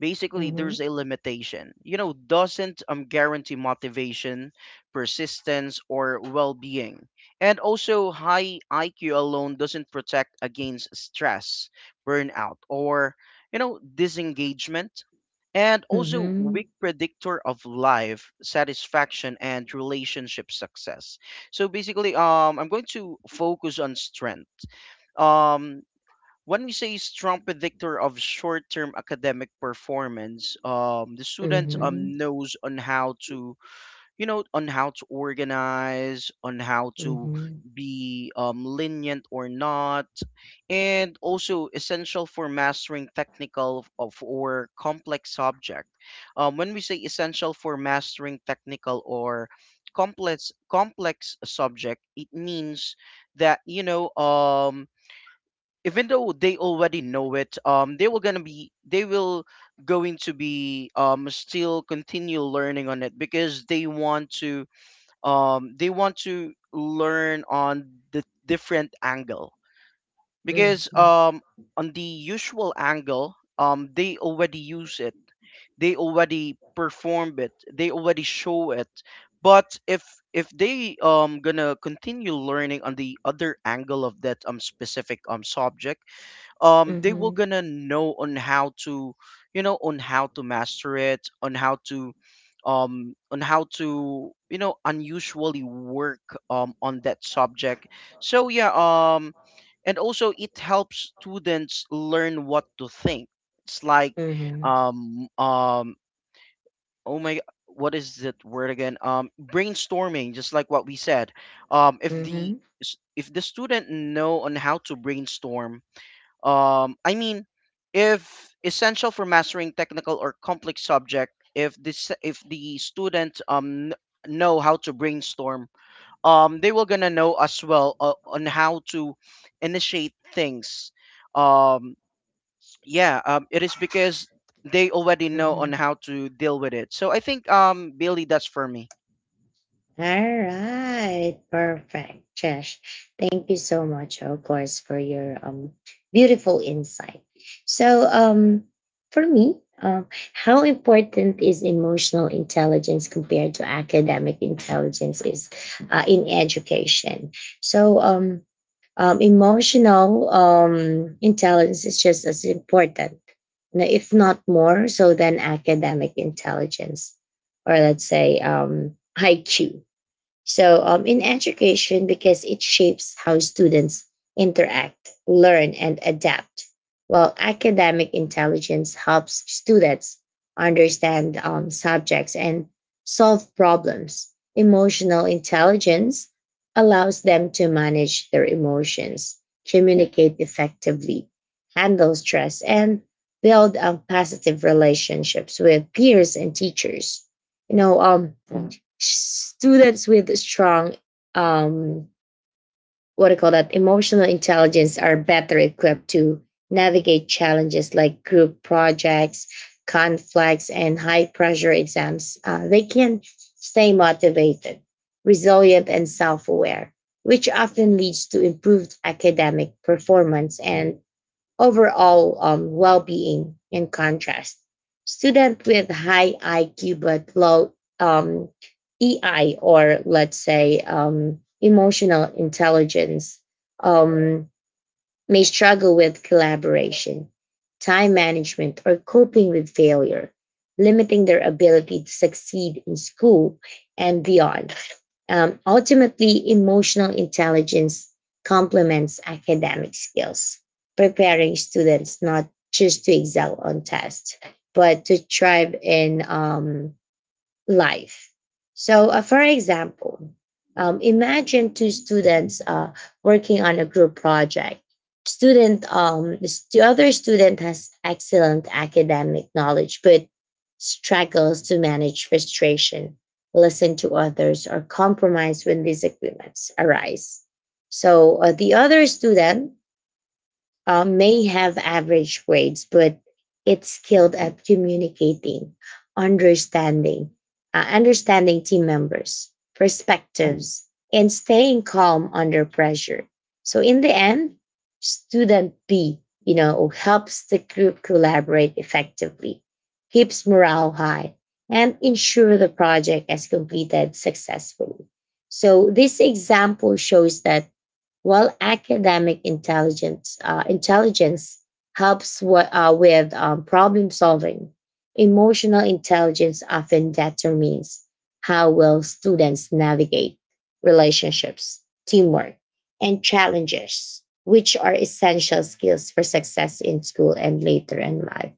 [SPEAKER 2] basically there's a limitation. You know, doesn't, guarantee motivation, persistence, or well-being. And also high IQ alone doesn't protect against stress, burnout, or, you know, disengagement. And
[SPEAKER 1] mhm,
[SPEAKER 2] also
[SPEAKER 1] mhm,
[SPEAKER 2] weak predictor of life satisfaction and relationship success. So basically, I'm going to focus on strength. um when we say strong predictor of short-term academic performance, the student,
[SPEAKER 1] mhm.
[SPEAKER 2] knows on how to, you know, on how to organize, on how to
[SPEAKER 1] Mhm,
[SPEAKER 2] be, lenient or not, and also essential for mastering technical of, or complex subject. When we say essential for mastering technical or complex subject, it means that, you know, even though they already know it, they will going to be, still continue learning on it, because they want to, they want to learn on the different angle, because
[SPEAKER 1] mhm,
[SPEAKER 2] on the usual angle, they already use it, they already perform it, they already show it, but if they, gonna continue learning on the other angle of that, specific, subject, they will
[SPEAKER 1] mhm,
[SPEAKER 2] gonna know on how to, you know, on how to master it, on how to, on how to, you know, unusually work, on that subject. So yeah, and also it helps students learn what to think. It's like,
[SPEAKER 1] mhm,
[SPEAKER 2] um um oh my, what is that word again? Brainstorming, just like what we said. um if the
[SPEAKER 1] mhm,
[SPEAKER 2] if the student know on how to brainstorm, I mean, if essential for mastering technical or complex subject, if the student, know how to brainstorm, they will gonna know as well, on how to initiate things. Um, yeah, it is because they already know on
[SPEAKER 1] mhm.
[SPEAKER 2] how to deal with it. So I think, Billy, that's for me.
[SPEAKER 1] All right, perfect, Josh. Thank you so much, of course, for your beautiful insight. So, for me, how important is emotional intelligence compared to academic intelligence is in education? So, emotional intelligence is just as important, if not more so than academic intelligence, or let's say IQ. So, in education, because it shapes how students interact, learn, and adapt, while academic intelligence helps students understand subjects and solve problems. Emotional intelligence allows them to manage their emotions, communicate effectively, handle stress, and build positive relationships with peers and teachers. You know, students with strong um, what do you call that, emotional intelligence, are better equipped to navigate challenges like group projects, conflicts, and high pressure exams. They can stay motivated, resilient, and self-aware, which often leads to improved academic performance and overall well-being. In contrast, student with high IQ but low um, EI, or let's say emotional intelligence um, may struggle with collaboration, time management, or coping with failure, limiting their ability to succeed in school and beyond. Ultimately, emotional intelligence complements academic skills, preparing students not just to excel on tests, but to thrive in life. So, for example, imagine two students working on a group project. The other student has excellent academic knowledge, but struggles to manage frustration, listen to others, or compromise when disagreements arise. So, the other student may have average grades, but it's skilled at communicating, understanding, understanding team members' perspectives, and staying calm under pressure. So in the end, student B, you know, helps the group collaborate effectively, keeps morale high, and ensure the project is completed successfully. So this example shows that while academic intelligence intelligence helps with problem solving, emotional intelligence often determines how well students navigate relationships, teamwork, and challenges, which are essential skills for success in school and later in life.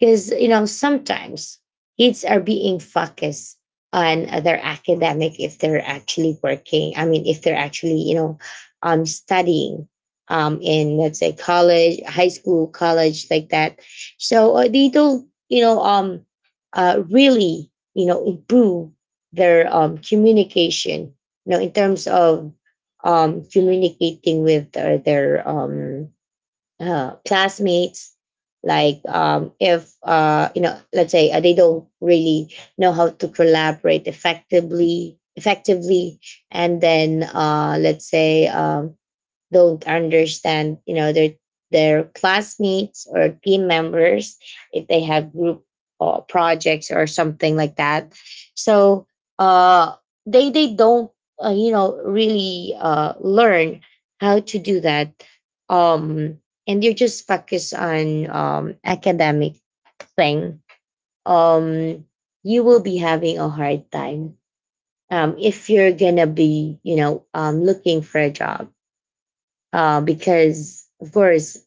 [SPEAKER 1] Because, you know, sometimes kids are being focused on their academic if they're actually working. I mean, if they're actually, you know, studying in, let's say, high school, college, like that. So they don't, you know, really, you know, improve their communication, you know, in terms of communicating with their classmates. Like if you know, let's say they don't really know how to collaborate effectively, and then let's say don't understand, you know, their classmates or team members if they have group or projects or something like that. So uh, they don't you know really learn how to do that. Um, and they're just focused on academic thing. Um, you will be having a hard time if you're gonna be, you know, looking for a job, because of course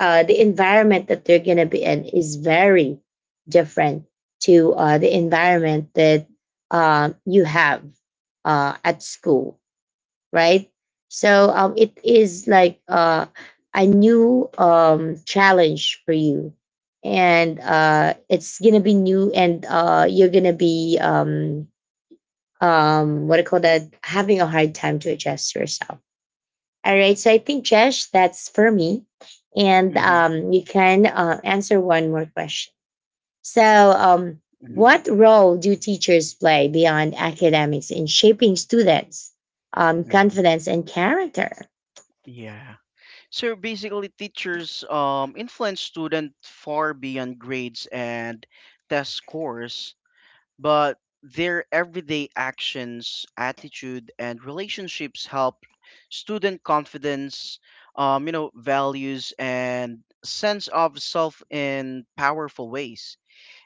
[SPEAKER 1] the environment that they're going to be in is very different to the environment that you have at school, right? So it is like a new challenge for you, and it's going to be new, and you're going to be what do call that, having a hard time to adjust yourself. All right. So I think, Jesh, that's for me. And
[SPEAKER 2] Mm-hmm,
[SPEAKER 1] you can answer one more question. So, um,
[SPEAKER 2] mm-hmm,
[SPEAKER 1] what role do teachers play beyond academics in shaping students'
[SPEAKER 2] mm-hmm.
[SPEAKER 1] confidence and character?
[SPEAKER 2] Yeah. So basically, teachers, influence students far beyond grades and test scores, but their everyday actions, attitude, and relationships help student confidence, you know, values, and sense of self in powerful ways.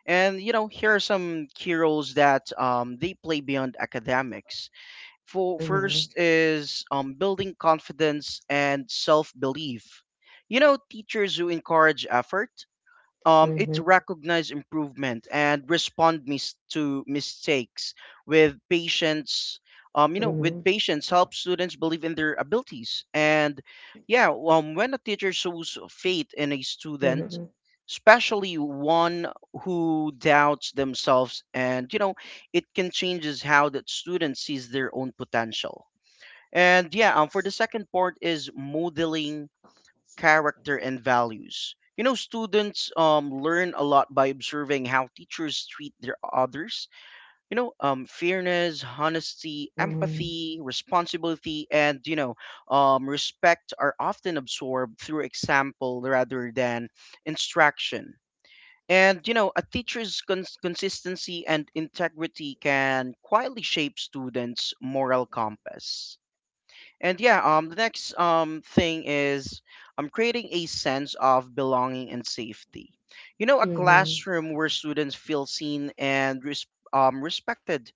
[SPEAKER 2] And you know, here are some key roles that, they play beyond academics. For
[SPEAKER 1] Mhm,
[SPEAKER 2] first is, building confidence and self belief. You know, teachers who encourage effort, it
[SPEAKER 1] mhm,
[SPEAKER 2] recognize improvement, and respond to mistakes with patience,
[SPEAKER 1] mhm,
[SPEAKER 2] help students believe in their abilities. And yeah, when a teacher shows faith in a student,
[SPEAKER 1] mhm,
[SPEAKER 2] especially one who doubts themselves, and you know, it can changes how that student sees their own potential. And yeah, for the second part is modeling character and values. You know, students, learn a lot by observing how teachers treat their others. You know, fairness, honesty, empathy, responsibility, and you know, respect are often absorbed through example rather than instruction. And you know, a teacher's consistency and integrity can quietly shape students' moral compass. And yeah, the next thing is, creating a sense of belonging and safety. You know, a classroom where students feel seen and respected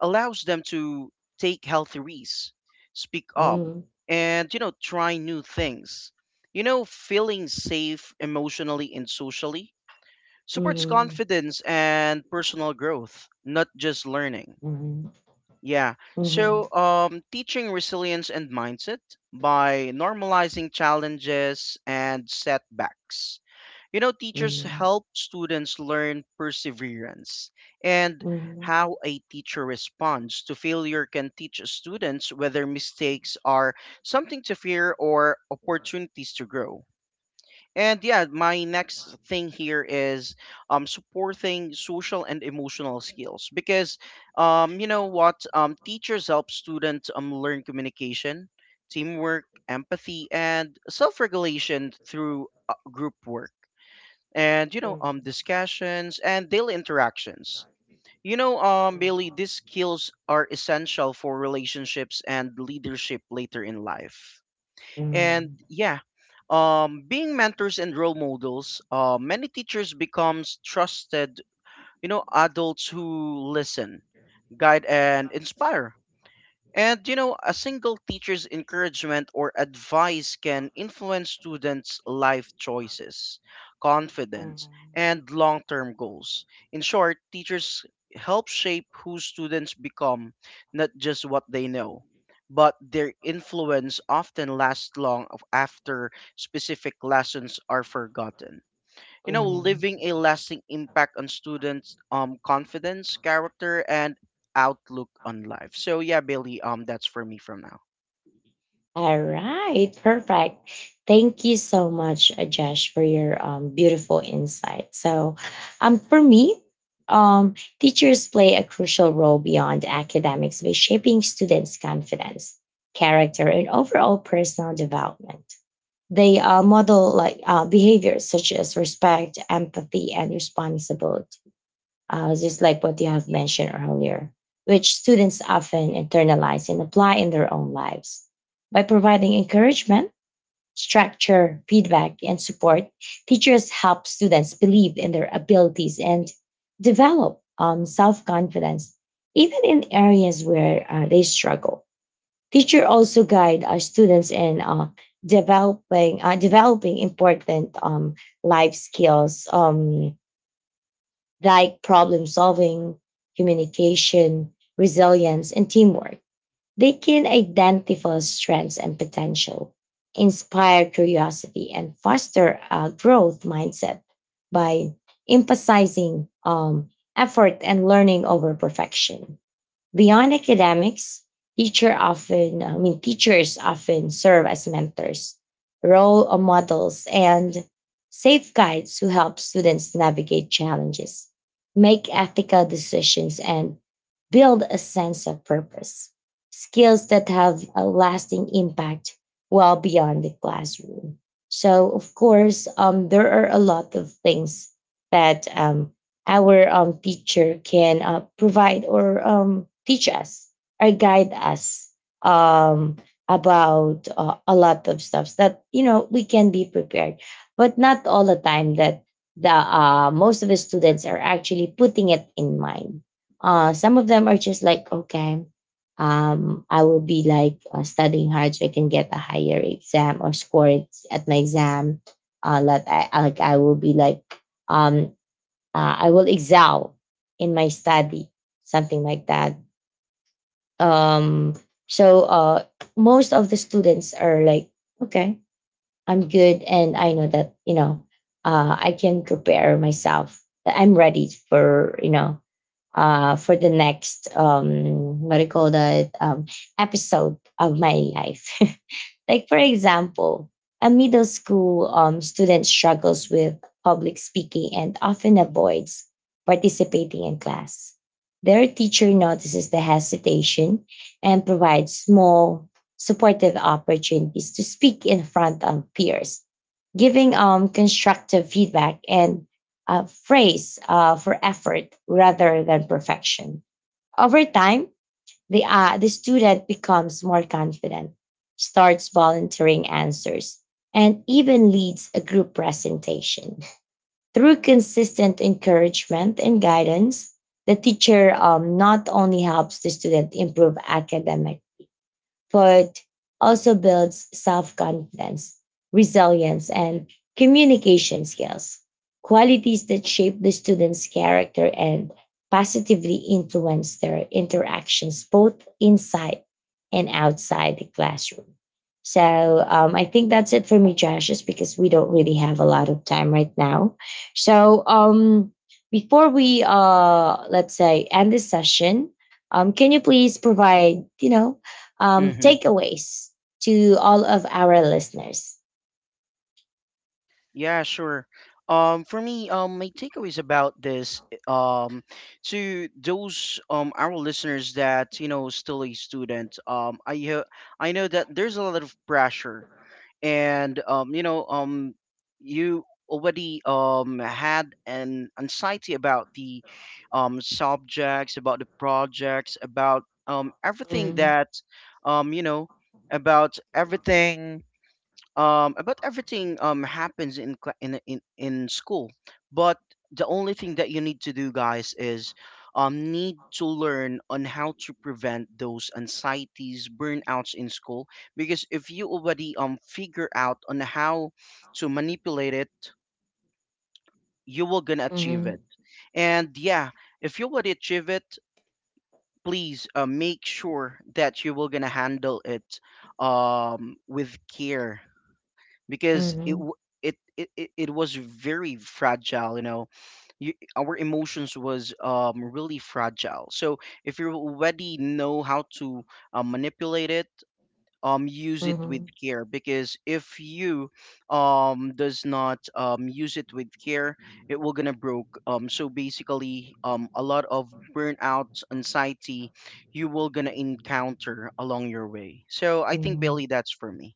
[SPEAKER 2] allows them to take healthy risks, speak up, and you know, try new things. You know, feeling safe emotionally and socially supports confidence and personal growth, not just learning. Yeah. So, teaching resilience and mindset by normalizing challenges and setbacks. You know, teachers
[SPEAKER 1] mhm,
[SPEAKER 2] help students learn perseverance, and
[SPEAKER 1] mhm.
[SPEAKER 2] how a teacher responds to failure can teach students whether mistakes are something to fear or opportunities to grow. And yeah, my next thing here is, supporting social and emotional skills, because, you know what, teachers help students, learn communication, teamwork, empathy, and self-regulation through, group work, and you know, discussions and daily interactions. You know, Bailey, these skills are essential for relationships and leadership later in life. And yeah, being mentors and role models. Many teachers becomes trusted, you know, adults who listen, guide, and inspire. And you know, a single teacher's encouragement or advice can influence students' life choices, confidence, and long term goals. In short, teachers help shape who students become, not just what they know, but their influence often lasts long after specific lessons are forgotten, you know, leaving a lasting impact on students' confidence, character, and outlook on life. So yeah, Bailey, that's for me from now.
[SPEAKER 1] All right, perfect. Thank you so much, Josh, for your beautiful insight. So, for me, teachers play a crucial role beyond academics by shaping students' confidence, character, and overall personal development. They model like behaviors such as respect, empathy, and responsibility, just like what you have mentioned earlier, which students often internalize and apply in their own lives. By providing encouragement, structure, feedback, and support, teachers help students believe in their abilities and develop self confidence, even in areas where they struggle. Teacher also guide our students in developing important life skills. Like problem solving, communication, resilience, and teamwork. They can identify strengths and potential, inspire curiosity, and foster a growth mindset by emphasizing effort and learning over perfection. Beyond academics, teachers often serve as mentors, role models, and safe guides who help students navigate challenges, make ethical decisions, and build a sense of purpose. Skills that have a lasting impact well beyond the classroom. So, of course, there are a lot of things that our teacher can provide or teach us or guide us um, about a lot of stuff that, you know, we can be prepared, but not all the time that the most of the students are actually putting it in mind. Some of them are just like, okay, I will be like studying hard so I can get a higher exam or score it at my exam. Like I will be like um I will excel in my study, something like that. Um, so most of the students are like, okay, I'm good, and I know that, you know, I can prepare myself, that I'm ready for, you know, for the next what do you call that, episode of my life. Like for example, a middle school student struggles with public speaking and often avoids participating in class. Their teacher notices the hesitation and provides small supportive opportunities to speak in front of peers, giving constructive feedback and praise for effort rather than perfection. Over time, the student becomes more confident, starts volunteering answers, and even leads a group presentation. Through consistent encouragement and guidance, the teacher not only helps the student improve academic, but also builds self confidence, resilience, and communication skills, qualities that shape the student's character and positively influence their interactions both inside and outside the classroom. So I think that's it for me, Josh, just because we don't really have a lot of time right now. So before we, let's say, end this session, can you please provide, you know,
[SPEAKER 2] Mm-hmm.
[SPEAKER 1] takeaways to all of our listeners.
[SPEAKER 2] Yeah, sure. For me, my takeaways about this, to those, our listeners that you know still a student, I know that there's a lot of pressure, and you know, you already, had an anxiety about the, subjects, about the projects, about, everything
[SPEAKER 1] Mhm,
[SPEAKER 2] that, you know, about everything, about everything, happens in cla- in school, but the only thing that you need to do, guys, is, need to learn on how to prevent those anxieties, burnouts in school, because if you already, figure out on how to manipulate it, you will gonna achieve
[SPEAKER 1] mhm,
[SPEAKER 2] it. And yeah, if you already achieve it, please, make sure that you will gonna handle it, with care, because it
[SPEAKER 1] mhm,
[SPEAKER 2] w- it was very fragile, you know. Our emotions was, really fragile. So if you already know how to, manipulate it, use it with
[SPEAKER 1] mhm,
[SPEAKER 2] care, because if you, does not, use it with care, it will gonna broke. So basically, a lot of burnout anxiety you will gonna encounter along your way. So I think,
[SPEAKER 1] mhm.
[SPEAKER 2] Bailey, that's for me.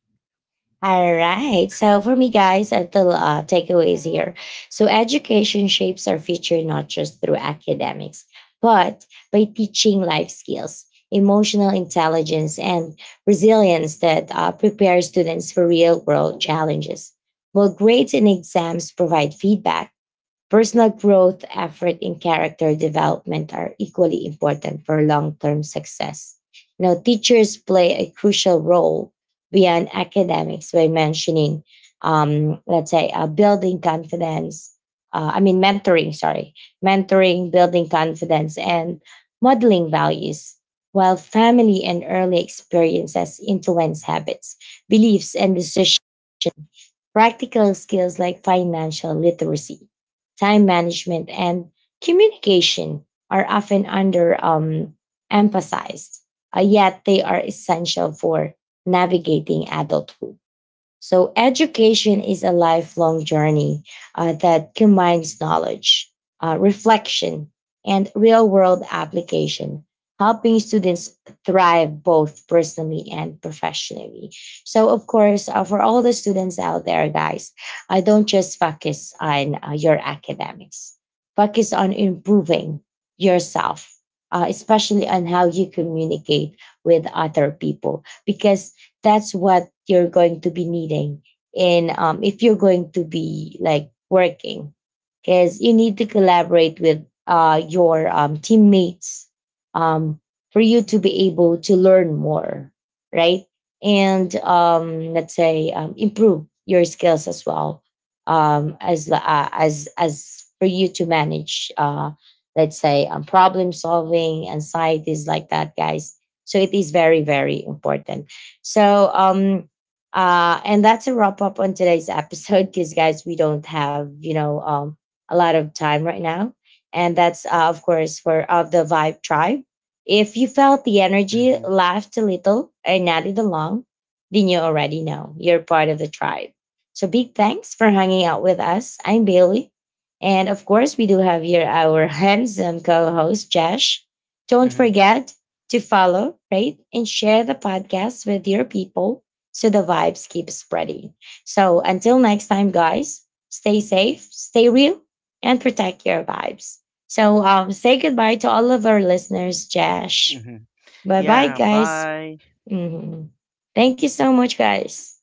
[SPEAKER 1] All right. So for me, guys, a little takeaways here. So education shapes our future not just through academics, but by teaching life skills, emotional intelligence, and resilience that prepare students for real world challenges. While grades and exams provide feedback, personal growth, effort, and character development are equally important for long term success. Now, teachers play a crucial role beyond academics by mentioning, let's say, building confidence. Mentoring, sorry, mentoring, building confidence, and modeling values, while family and early experiences influence habits, beliefs, and decisions. Practical skills like financial literacy, time management, and communication are often under emphasized, yet they are essential for navigating adulthood. So, education is a lifelong journey that combines knowledge, reflection, and real world application, helping students thrive both personally and professionally. So, of course, for all the students out there, guys, I don't just focus on your academics, focus on improving yourself. Especially on how you communicate with other people, because that's what you're going to be needing in, if you're going to be like working, because you need to collaborate with your teammates um, for you to be able to learn more, right? And let's say improve your skills as well, as for you to manage let's say problem solving anxieties, like that, guys. So it is very, very important. So, and that's a wrap up on today's episode because, guys, we don't have, you know, a lot of time right now. And that's, of course, for of the Vibe Tribe. If you felt the energy,
[SPEAKER 2] Hmm.
[SPEAKER 1] laughed a little, and nodded along, then you already know you're part of the tribe. So, big thanks for hanging out with us. I'm Bailey. And of course, we do have here our handsome co host, Josh. Don't
[SPEAKER 2] Hmm.
[SPEAKER 1] forget to follow, rate, and share the podcast with your people so the vibes keep spreading. So until next time, guys, stay safe, stay real, and protect your vibes. So say goodbye to all of our listeners, Josh.
[SPEAKER 2] Hmm.
[SPEAKER 1] Bye bye,
[SPEAKER 2] Yeah,
[SPEAKER 1] guys.
[SPEAKER 2] bye.
[SPEAKER 1] Mhm. Thank you so much, guys.